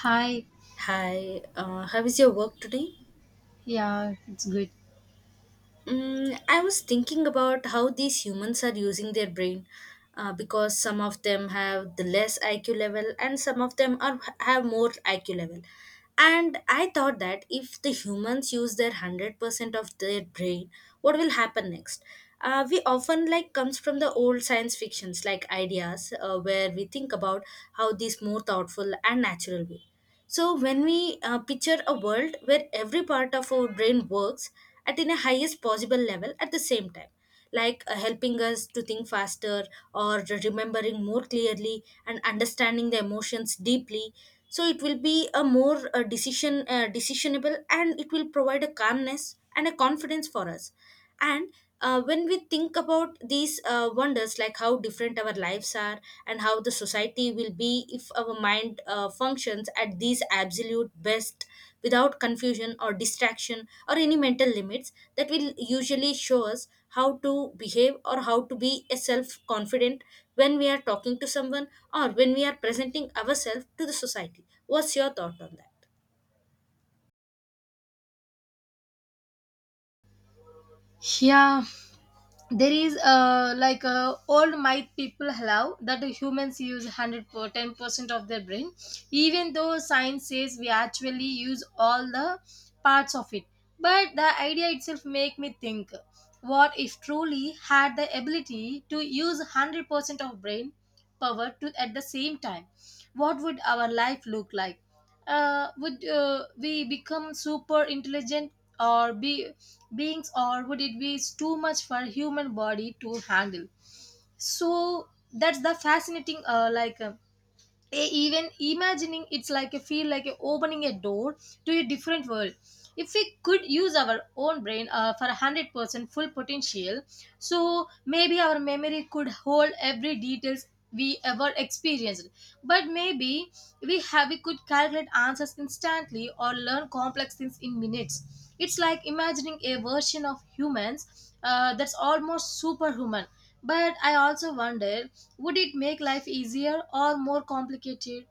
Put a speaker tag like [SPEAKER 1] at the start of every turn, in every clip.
[SPEAKER 1] Hi,
[SPEAKER 2] Hi, how is your work today?
[SPEAKER 1] yeah, it's good.
[SPEAKER 2] Mm, I was thinking about how these humans are using their brain because some of them have the less IQ level and some of them are have more IQ level. And I thought that if the humans use their 100% of their brain, what will happen next? We often like comes from the old science fictions like ideas where we think about how these more thoughtful and natural way, so when we picture a world where every part of our brain works at in a highest possible level at the same time, like helping us to think faster or remembering more clearly and understanding the emotions deeply, so it will be a more decision decisionable, and it will provide a calmness and a confidence for us, and when we think about these wonders, like how different our lives are and how the society will be if our mind functions at these absolute best without confusion or distraction or any mental limits, that will usually show us how to behave or how to be a self confident when we are talking to someone or when we are presenting ourselves to the society. What's your thought on that?
[SPEAKER 1] Yeah, there is old myth people allow that humans use 100 per 10% of their brain even though science says we actually use all the parts of it, but the idea itself make me think, what if truly had the ability to use 100% of brain power to at the same time, what would our life look like? Would we become super intelligent or be beings, or would it be too much for human body to handle? So that's the fascinating even imagining it's like a feel like a opening a door to a different world. If we could use our own brain for 100% full potential, so maybe our memory could hold every details we ever experienced. But maybe we could calculate answers instantly or learn complex things in minutes. It's like imagining a version of humans that's almost superhuman, but I also wonder, would it make life easier or more complicated?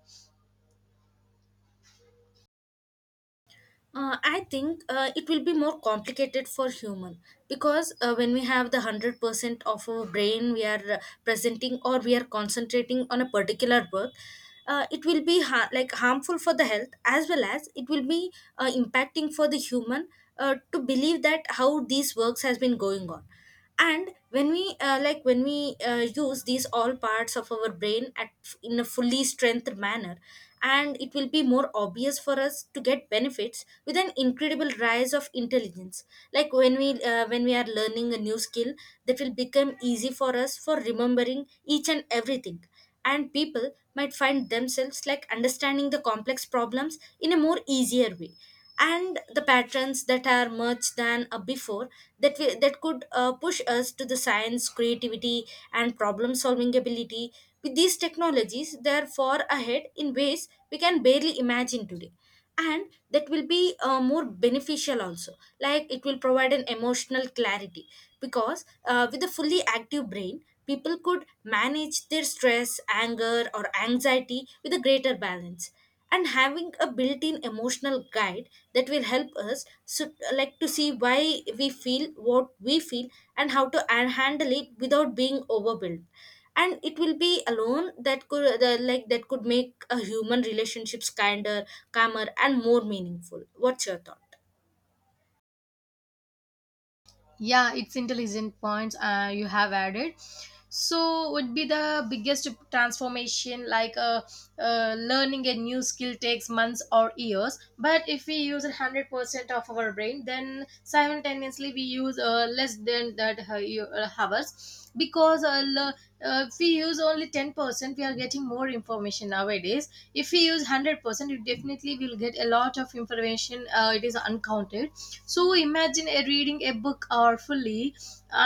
[SPEAKER 2] I think it will be more complicated for human because when we have the 100% of our brain we are presenting or we are concentrating on a particular work. It will be like harmful for the health as well as it will be impacting for the human to believe that how these works has been going on. And when we use these all parts of our brain at in a fully strengthened manner, and it will be more obvious for us to get benefits with an incredible rise of intelligence. Like when we are learning a new skill, that will become easy for us for remembering each and everything, and people might find themselves like understanding the complex problems in a more easier way, and the patterns that are much than a before, that could push us to the science creativity and problem solving ability with these technologies, they are far ahead in ways we can barely imagine today. And that will be more beneficial also. Like it will provide an emotional clarity, because with a fully active brain people could manage their stress anger or anxiety with a greater balance, and having a built-in emotional guide that will help us so, like to see why we feel what we feel and how to handle it without being overwhelmed. And it will be alone that could the, like that could make a human relationships kinder, calmer and more meaningful. What's your thought?
[SPEAKER 1] Yeah, it's intelligent points you have added. So would be the biggest transformation learning a new skill takes months or years, but if we use 100% of our brain then simultaneously we use less than that hours. Because if we use only 10% we are getting more information nowadays. If we use 100% you definitely will get a lot of information, it is uncounted. So imagine reading a book or fully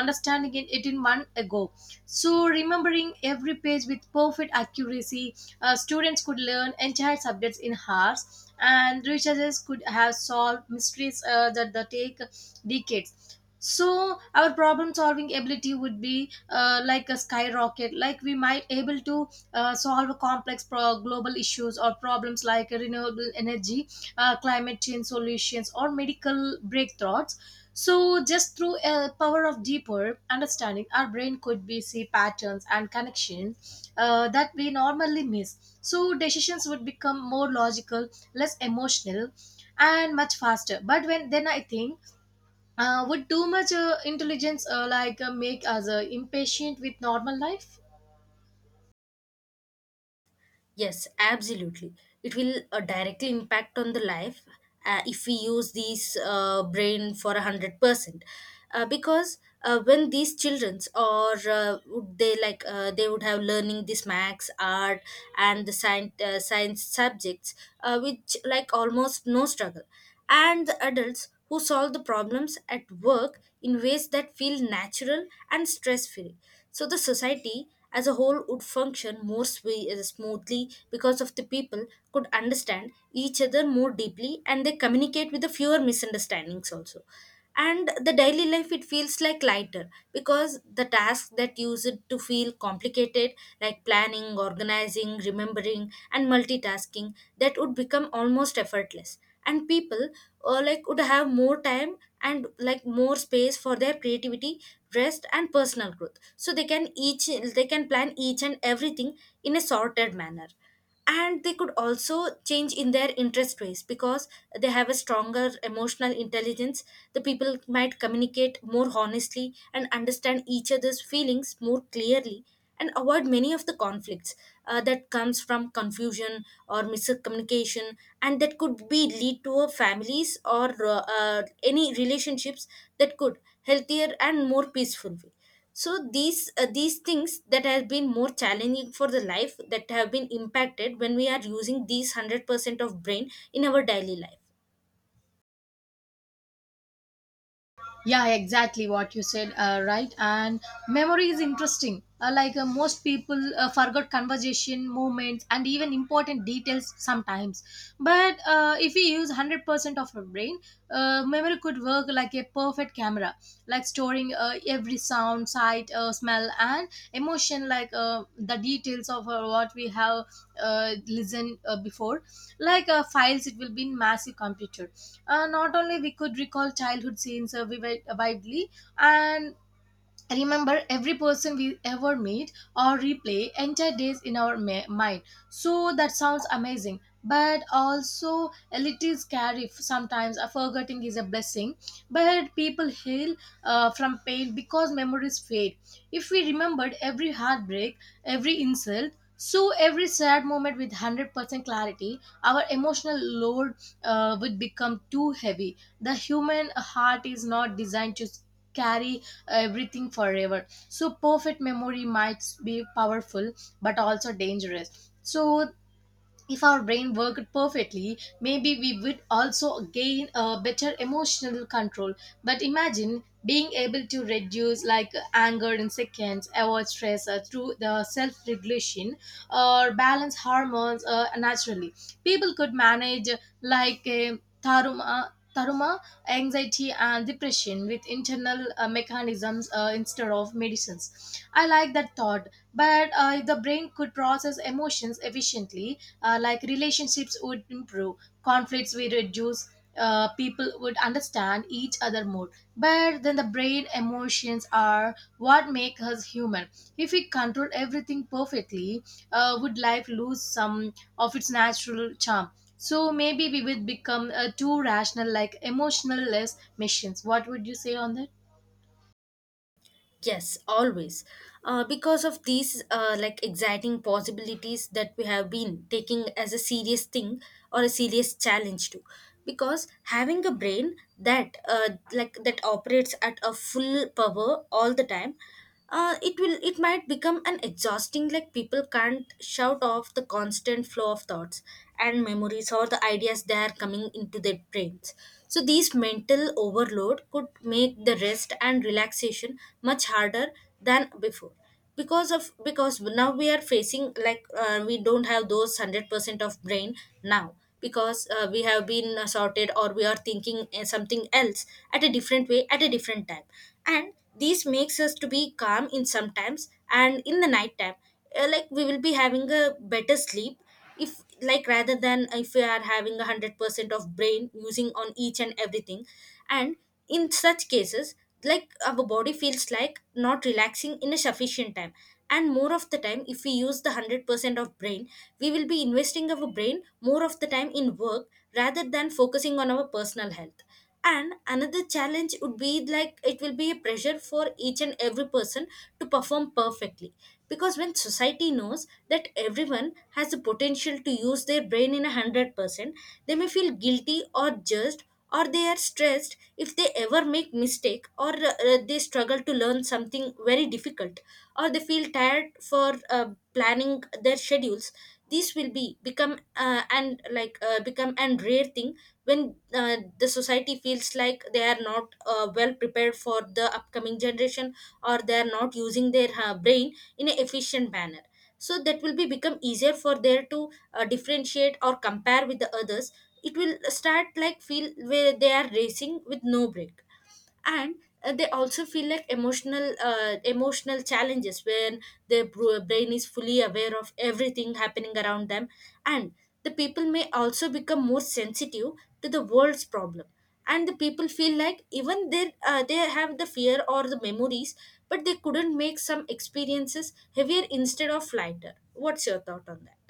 [SPEAKER 1] understanding it in one ago. So remembering every page with perfect accuracy, students could learn entire subjects in hours, and researchers could have solved mysteries that take decades. So our problem solving ability would be a skyrocket, like we might able to solve complex global issues or problems, like renewable energy, climate change solutions, or medical breakthroughs. So just through a power of deeper understanding, our brain could be see patterns and connections that we normally miss. So decisions would become more logical, less emotional, and much faster. But when then I think, would too much intelligence make us impatient with normal life?
[SPEAKER 2] Yes, absolutely. It will directly impact on the life if we use these brain for a 100%. Because when these childrens or would they like they would have learning this max, art, and the science science subjects, which like almost no struggle, and the adults who solve the problems at work in ways that feel natural and stress free. So the society as a whole would function more smoothly because of the people could understand each other more deeply and they communicate with the fewer misunderstandings also, and the daily life it feels like lighter because the tasks that use it to feel complicated, like planning organizing remembering and multitasking, that would become almost effortless, and people like would have more time and like more space for their creativity, rest and personal growth, so they can each they can plan each and everything in a sorted manner. And they could also change in their interest ways because they have a stronger emotional intelligence. The people might communicate more honestly and understand each other's feelings more clearly and avoid many of the conflicts that comes from confusion or miscommunication, and that could be lead to a families or any relationships that could healthier and more peaceful way. So these these things that have been more challenging for the life that have been impacted when we are using these 100% of brain in our daily life.
[SPEAKER 1] Yeah, exactly what you said, right? And memory is interesting. Most people forgot conversation, movements, and even important details sometimes. But if we use 100% of our brain, memory could work like a perfect camera, like storing every sound, sight, smell, and emotion, the details of what we have listened before. Files, it will be in massive computer. Not only we could recall childhood scenes vivid, widely, and remember every person we ever meet, or replay entire days in our mind. So that sounds amazing, but also a little scary. Sometimes forgetting is a blessing, but people heal from pain because memories fade. If we remembered every heartbreak, every insult, so every sad moment with 100% clarity, our emotional load would become too heavy. The human heart is not designed to carry everything forever. So perfect memory might be powerful but also dangerous. So if our brain worked perfectly, maybe we would also gain a better emotional control. But imagine being able to reduce like anger in seconds, avoid stress through the self-regulation, or balance hormones naturally. People could manage a taruma, anxiety and depression with internal mechanisms instead of medicines. I like that thought, but if the brain could process emotions efficiently, relationships would improve, conflicts would reduce. People would understand each other more, but then the brain emotions are what make us human. If we control everything perfectly, would life lose some of its natural charm? So maybe we would become too rational, like emotionless machines. What would you say on that?
[SPEAKER 2] Yes, always. Because of these like exciting possibilities that we have been taking as a serious thing or a serious challenge to. Because having a brain that that operates at a full power all the time, it will it might become an exhausting, like people can't shout off the constant flow of thoughts and memories or the ideas that are coming into their brains. So these mental overload could make the rest and relaxation much harder than before, because now we are facing, like we don't have those 100% of brain now because we have been sorted or we are thinking something else at a different way at a different time. And this makes us to be calm in sometimes, and in the night time like we will be having a better sleep if like rather than if we are having a 100% of brain using on each and everything. And in such cases, like our body feels like not relaxing in a sufficient time, and more of the time if we use the 100% of brain we will be investing our brain more of the time in work rather than focusing on our personal health. And another challenge would be like it will be a pressure for each and every person to perform perfectly, because when society knows that everyone has the potential to use their brain in a 100%, they may feel guilty or judged, or they are stressed if they ever make mistake, or they struggle to learn something very difficult, or they feel tired for planning their schedules. This will be become and like become and rare thing when the society feels like they are not well prepared for the upcoming generation or they are not using their brain in an efficient manner. So that will be become easier for there to differentiate or compare with the others. It will start like feel where they are racing with no break, and they also feel like emotional emotional challenges when their brain is fully aware of everything happening around them, and the people may also become more sensitive to the world's problem. And the people feel like even they have the fear or the memories, but they couldn't make some experiences heavier instead of lighter. What's your thought on that?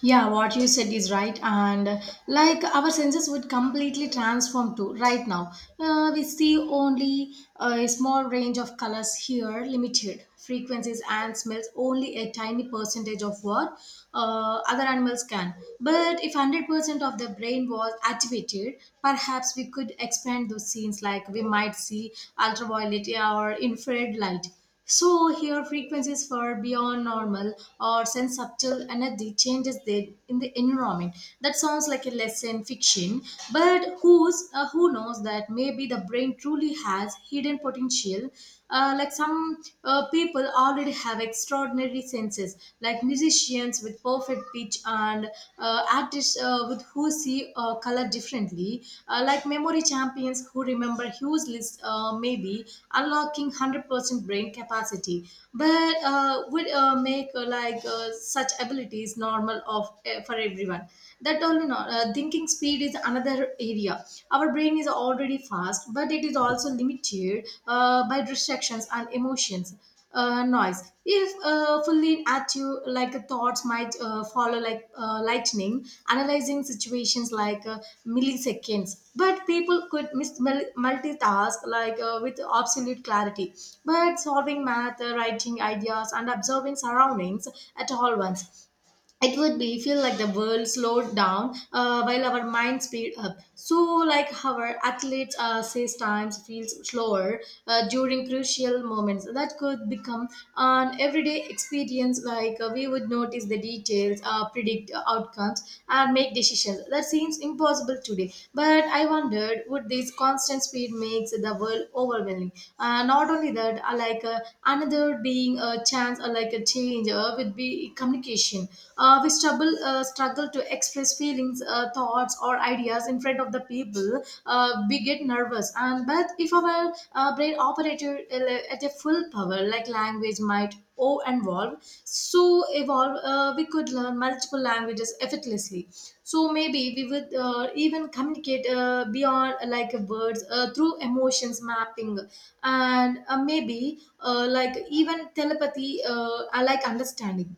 [SPEAKER 1] Yeah, what you said is right, and our senses would completely transform too. Right now, we see only a small range of colors here, limited frequencies and smells, only a tiny percentage of what other animals can. But if 100% of the brain was activated, perhaps we could expand those scenes, like we might see ultraviolet or infrared light, so here frequencies far beyond normal, or send subtle energy changes there in the environment. That sounds like a lesson fiction, but who knows that maybe the brain truly has hidden potential. Like some People already have extraordinary senses, like musicians with perfect pitch, and artists with who see color differently, memory champions who remember huge lists. Maybe unlocking 100% brain capacity, but would make like such abilities normal of for everyone. That all in all, thinking speed is another area. Our brain is already fast, but it is also limited by distractions and emotions, noise. If fully at you, thoughts might follow lightning, analyzing situations milliseconds, but people could multitask with absolute clarity, but solving math, writing ideas, and observing surroundings at all once. It would be feel like the world slowed down while our mind speed up. So like our athletes says times feels slower during crucial moments, that could become an everyday experience. We would notice the details, predict outcomes, and make decisions that seems impossible today. But I wondered, would this constant speed makes the world overwhelming? Not only that, another being a chance or like a change would be communication. We struggle to express feelings, thoughts, or ideas in front of the people. We get nervous, and but if our brain operator at a full power, language might or involve, so evolve, we could learn multiple languages effortlessly. So maybe we would even communicate beyond words through emotions mapping, and maybe like even telepathy, I like understanding.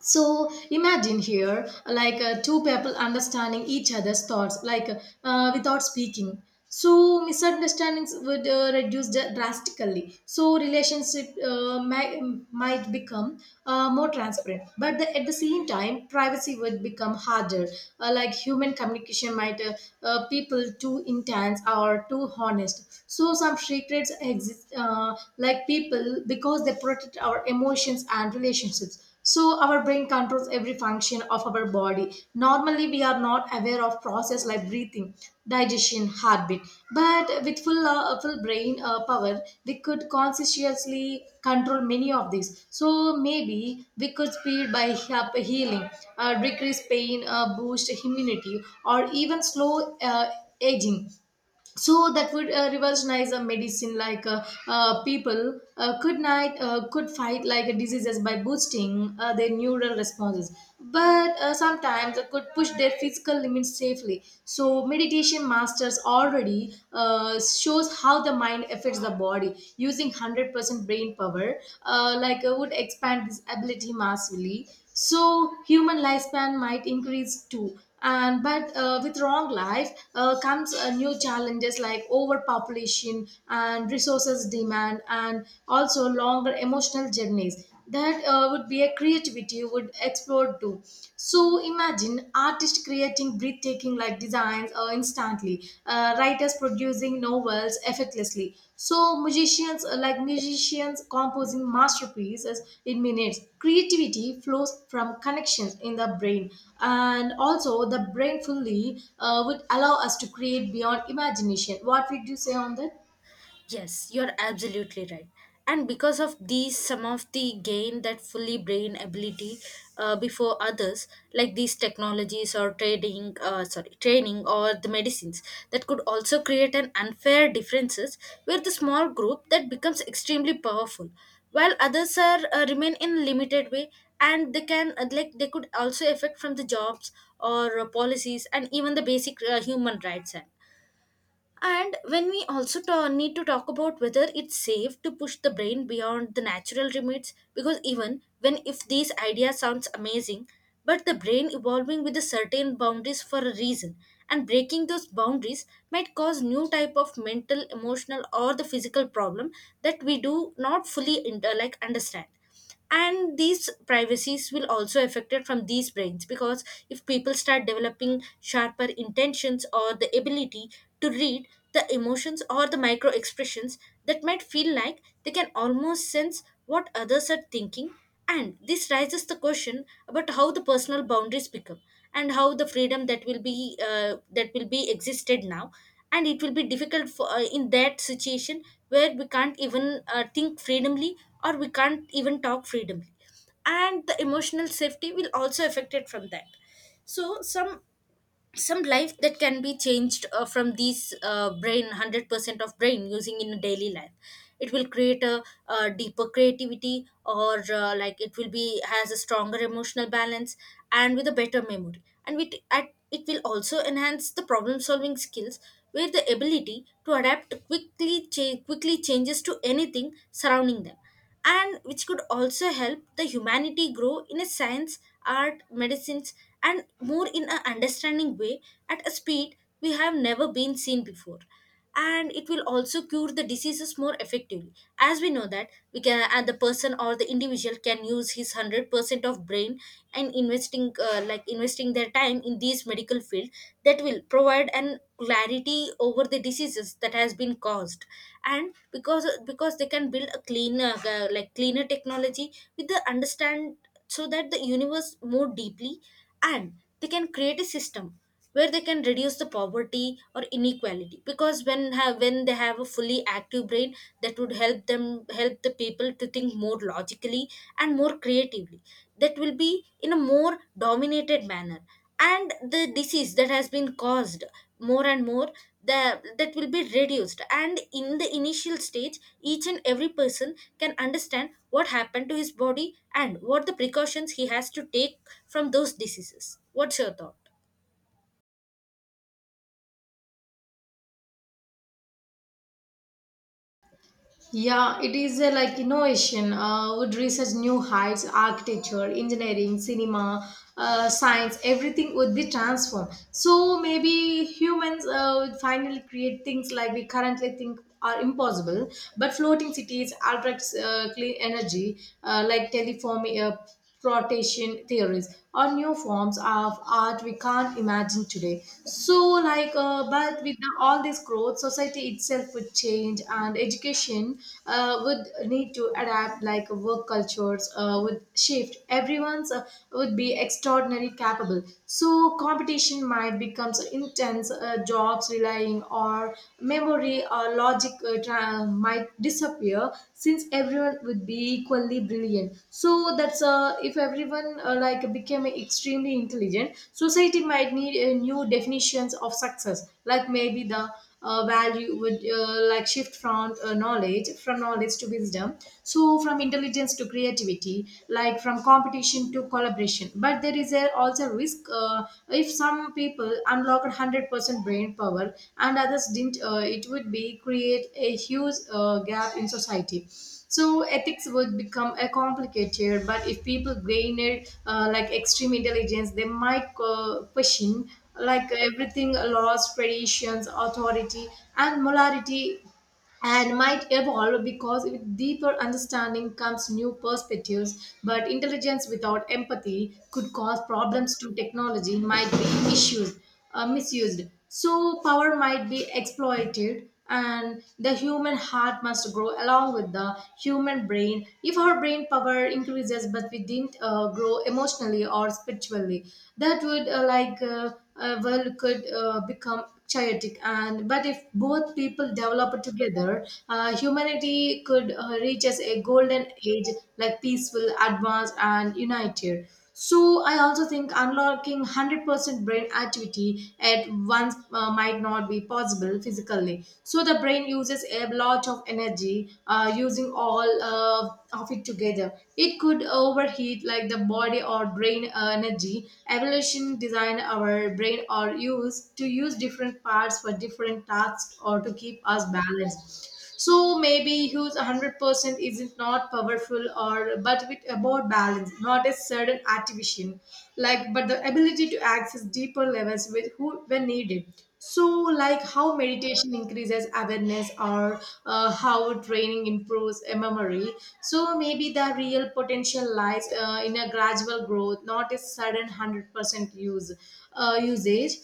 [SPEAKER 1] So imagine here two people understanding each other's thoughts, without speaking. So misunderstandings would drastically, so relationship might become more transparent, but at the same time privacy would become harder. Human communication might people too intense or too honest, so some secrets exist, people because they protect our emotions and relationships. So our brain controls every function of our body. Normally we are not aware of process like breathing, digestion, heartbeat, but with full brain power we could consciously control many of these. So maybe we could speed by up healing, decrease pain, boost immunity, or even slow aging. So that would revolutionize a medicine. People could fight like diseases by boosting their neural responses, but sometimes they could push their physical limits safely. So meditation masters already shows how the mind affects the body. Using 100% brain power would expand this ability massively. So human lifespan might increase too. And but with wrong life comes new challenges, like overpopulation and resources demand, and also longer emotional journeys. That would be a creativity would explode too. So imagine artists creating breathtaking like designs instantly constantly, writers producing novels effortlessly, so musicians musicians composing masterpieces in minutes. Creativity flows from connections in the brain, and also the brain fully would allow us to create beyond imagination. What would you say on that?
[SPEAKER 2] Yes, you're absolutely right. And because of these, some of the gain that fully brain ability before others, like these technologies or training or the medicines, that could also create an unfair differences, where the small group that becomes extremely powerful, while others are remain in limited way, and they can they could also affect from the jobs or policies and even the basic human rights. And when we also need to talk about whether it's safe to push the brain beyond the natural limits, because even when if these ideas sounds amazing, but the brain evolving with a certain boundaries for a reason, and breaking those boundaries might cause new type of mental, emotional, or the physical problem that we do not fully understand. And these privacies will also affected from these brains because if people start developing sharper intentions or the ability to read the emotions or the micro expressions, that might feel like they can almost sense what others are thinking. And this raises the question about how the personal boundaries become and how the freedom that will be existed now, and it will be difficult for in that situation where we can't even think freedomly or we can't even talk freedomly, and the emotional safety will also affected from that. So some life that can be changed from these brain 100% of brain using in a daily life, it will create a, deeper creativity or like it will be has a stronger emotional balance, and with a better memory and with at it will also enhance the problem solving skills with the ability to adapt quickly changes to anything surrounding them, and which could also help the humanity grow in a science, art, medicines, and more in an understanding way at a speed we have never been seen before. And it will also cure the diseases more effectively, as we know that we can, and the person or the individual can use his 100% of brain and investing like investing their time in these medical field that will provide an clarity over the diseases that has been caused and because they can build a cleaner like cleaner technology with the understand so that the universe more deeply, and they can create a system where they can reduce the poverty or inequality because when they have a fully active brain that would help them help the people to think more logically and more creatively, that will be in a more dominated manner. And the disease that has been caused more and more, that will be reduced, and in the initial stage each and every person can understand what happened to his body and what the precautions he has to take from those diseases. What's your thought?
[SPEAKER 1] Yeah, it is a like innovation would research new heights, architecture, engineering, cinema, science, everything would be transformed. So maybe humans would finally create things like we currently think are impossible, but floating cities, ultra clean energy, like teleform, rotation theories, or new forms of art we can't imagine today. So but all this growth, society itself would change, and education would need to adapt. Like work cultures would shift. Everyone's would be extraordinarily capable, so competition might become intense. Jobs relying or maybe memory or logic might disappear, since everyone would be equally brilliant. So that's if everyone like became extremely intelligent, society might need new definitions of success. Like maybe the value would like shift from knowledge to wisdom, so from intelligence to creativity, like from competition to collaboration. But there is a also risk. If some people unlocked 100% brain power and others didn't, it would be create a huge gap in society, so ethics would become a complicated. But if people gain it, like extreme intelligence, they might question like everything, laws, traditions, authority, and morality, and might evolve, because with deeper understanding comes new perspectives. But intelligence without empathy could cause problems to technology, might be issues, misused. So power might be exploited, and the human heart must grow along with the human brain. If our brain power increases but we didn't grow emotionally or spiritually, that would could become chaotic. And But if both people develop together, humanity could reach as a golden age, like peaceful, advanced, and united. So I also think unlocking 100% brain activity at once might not be possible physically. So the brain uses a lot of energy. Using all of it together, it could overheat like the body or brain energy. Evolution design our brain or use to use different parts for different tasks, or to keep us balanced. So maybe who's 100% isn't not powerful, or but with about balance, not a sudden activation, but the ability to access deeper levels with who when needed. So like how meditation increases awareness, or how training improves a memory. So maybe the real potential lies in a gradual growth, not a sudden 100% use usage.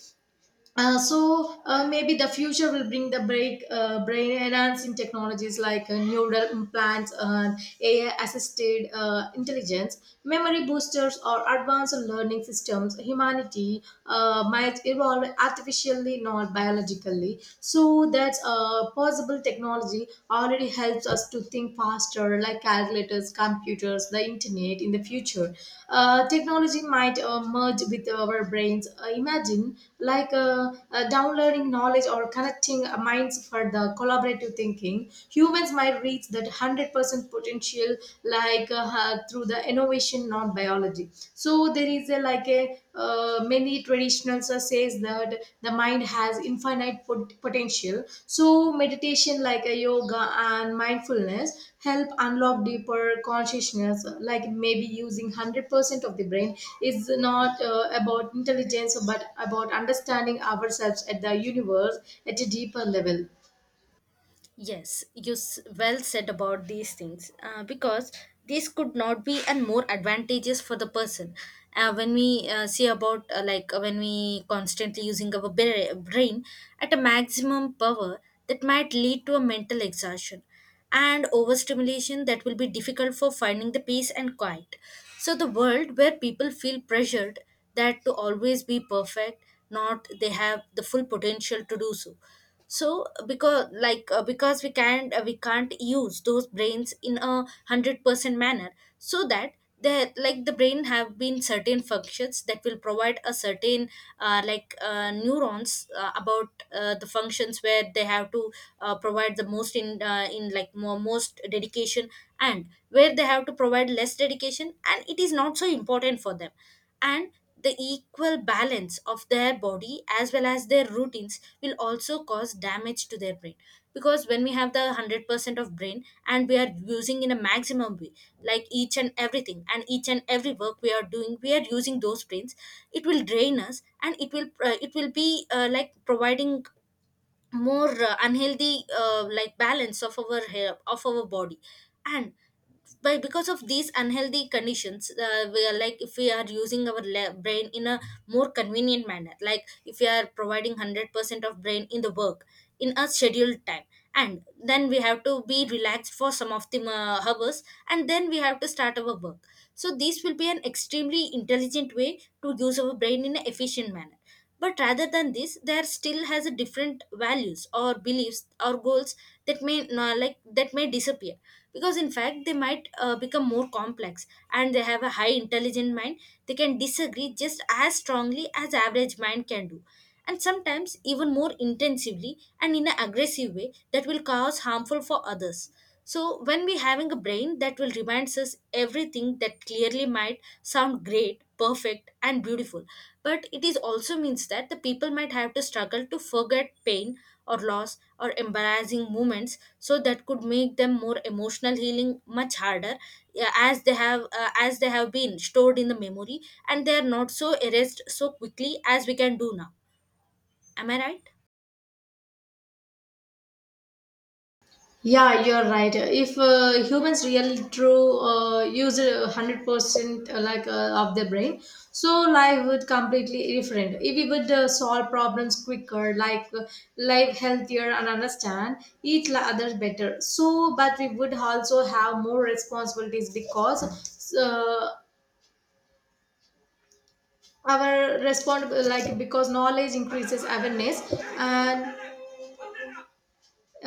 [SPEAKER 1] So maybe the future will bring the brain enhancing technologies, like neural implants and AI assisted intelligence, memory boosters, or advanced learning systems. Humanity might evolve artificially, not biologically. So that's possible technology already helps us to think faster, like calculators, computers, the internet. In the future, technology might merge with our brains. Imagine downloading knowledge or connecting minds for the collaborative thinking. Humans might reach that 100% potential through the innovation, not biology. So there is a like a many traditional says that the mind has potential. So meditation like a yoga and mindfulness help unlock deeper consciousness. Like maybe using 100% of the brain is not about intelligence, but about understanding ourselves at the universe at a deeper level.
[SPEAKER 2] Yes, well said about these things, because this could not be and more advantageous for the person. When we see about when we constantly using our brain at a maximum power, that might lead to a mental exhaustion and overstimulation that will be difficult for finding the peace and quiet. So the world where people feel pressured that to always be perfect, not they have the full potential to do so. So because we can't use those brains in 100% manner, so that like the brain have been certain functions that will provide a certain neurons about the functions where they have to provide the most in like most dedication, and where they have to provide less dedication and it is not so important for them. And the equal balance of their body as well as their routines will also cause damage to their brain, because when we have the 100% of brain and we are using in a maximum way, like each and everything and each and every work we are doing we are using those brains, it will drain us and it will be like providing more unhealthy like balance of our hair of our body. And by because of these unhealthy conditions, we are like if we are using our brain in a more convenient manner, like if we are providing 100% of brain in the work in a scheduled time, and then we have to be relaxed for some of the hours, and then we have to start our work, so this will be an extremely intelligent way to use our brain in an efficient manner. But rather than this, there still has a different values or beliefs or goals that may no- like that may disappear, because in fact they might become more complex and they have a high intelligent mind. They can disagree just as strongly as average mind can do, and sometimes even more intensively and in an aggressive way that will cause harmful for others. So when we having a brain that will reminds us everything that clearly might sound great, perfect and beautiful, but it is also means that the people might have to struggle to forget pain or loss or embarrassing moments, so that could make them more emotional healing much harder. Yeah, as they have been stored in the memory, and they are not so erased so quickly as we can do now. Am I right?
[SPEAKER 1] Yeah, you're right. If humans really true use 100% of their brain, so life would completely different. If we would solve problems quicker, like life healthier, and understand other better. So, but we would also have more responsibilities, because our respond like because knowledge increases awareness, and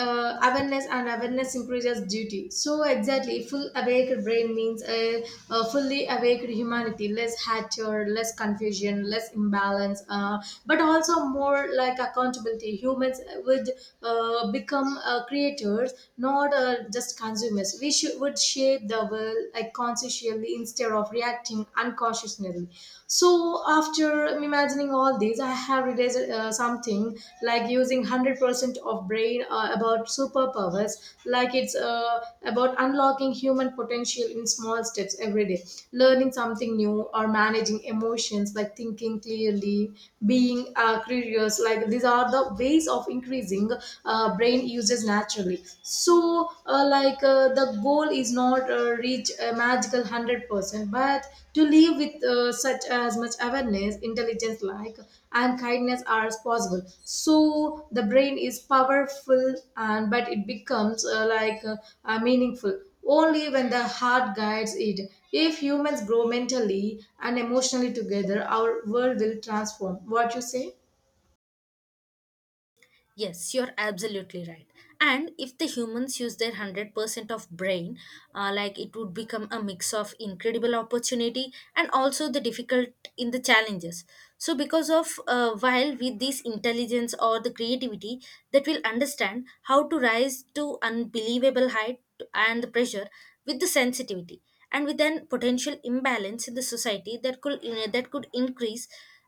[SPEAKER 1] awareness increases duty. So exactly, full awake brain means a fully awake humanity: less hatred, less confusion, less imbalance, but also more like accountability. Humans would become creators, not just consumers. We should would shape the world like consciously instead of reacting unconsciously. So after imagining all these, I have realized something. Like using 100% of brain about superpowers, it's about unlocking human potential in small steps every day, learning something new or managing emotions, like thinking clearly, being curious. Like these are the ways of increasing brain uses naturally. So the goal is not reach a magical 100%, but to live with such as much awareness, intelligence, and kindness are as possible. So the brain is powerful, and but it becomes meaningful only when the heart guides it. If humans grow mentally and emotionally together, our world will transform. What you say?
[SPEAKER 2] Yes, you're absolutely right. And if the humans use their 100% of brain, like it would become a mix of incredible opportunity and also the difficult in the challenges. So, because of while with this intelligence or the creativity, that will understand how to rise to unbelievable height and the pressure with the sensitivity and with an potential imbalance in the society, that could increase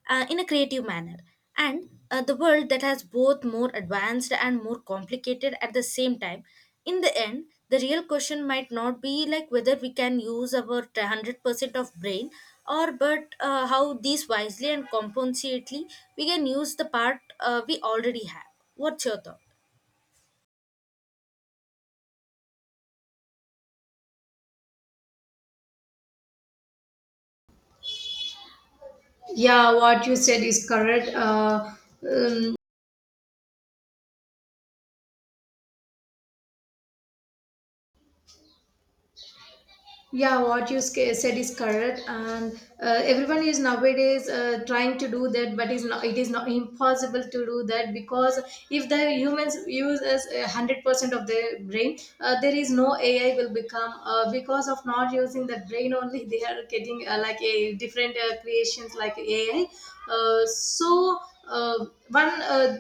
[SPEAKER 2] in a creative manner, and the world that has both more advanced and more complicated at the same time. In the end, the real question might not be like whether we can use our 100% of brain, or but how these wisely and compensately we can use the part we already have. What's your thought?
[SPEAKER 1] Yeah, what you said is correct um, Yeah, what you said is correct. And Everyone is nowadays trying to do that, but is not, it is not impossible to do that, because if the humans use as 100% of their brain, there is no AI will become. Because of not using the brain only, they are getting like a different creations like AI. Uh, so uh, One.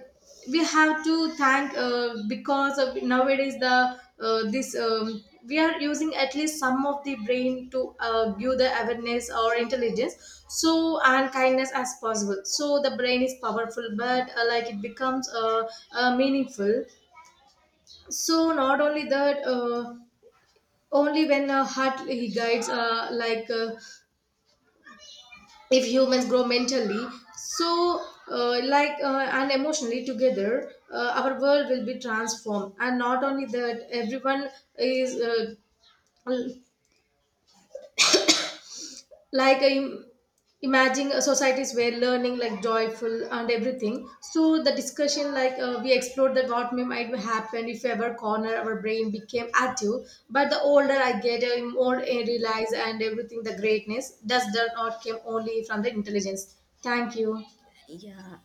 [SPEAKER 1] We have to thank, because of nowadays the this we are using at least some of the brain to give the awareness or intelligence, so and kindness as possible. So the brain is powerful, but like it becomes meaningful. So not only that Only when a heart he guides, if humans grow mentally, so and emotionally together, our world will be transformed. And not only that, everyone is l- like im- imagine a societies where learning like joyful and everything. So the discussion, we explored that what may might happen if ever corner our brain became active. But the older I get, I more I realize and everything. The greatness does not came only from the intelligence. Thank you.
[SPEAKER 2] Yeah,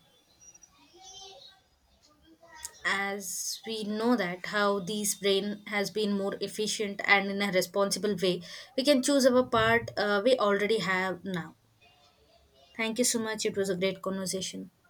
[SPEAKER 2] as we know that how these brain has been more efficient and in a responsible way, we can choose our part we already have now. Thank you so much. It was a great conversation.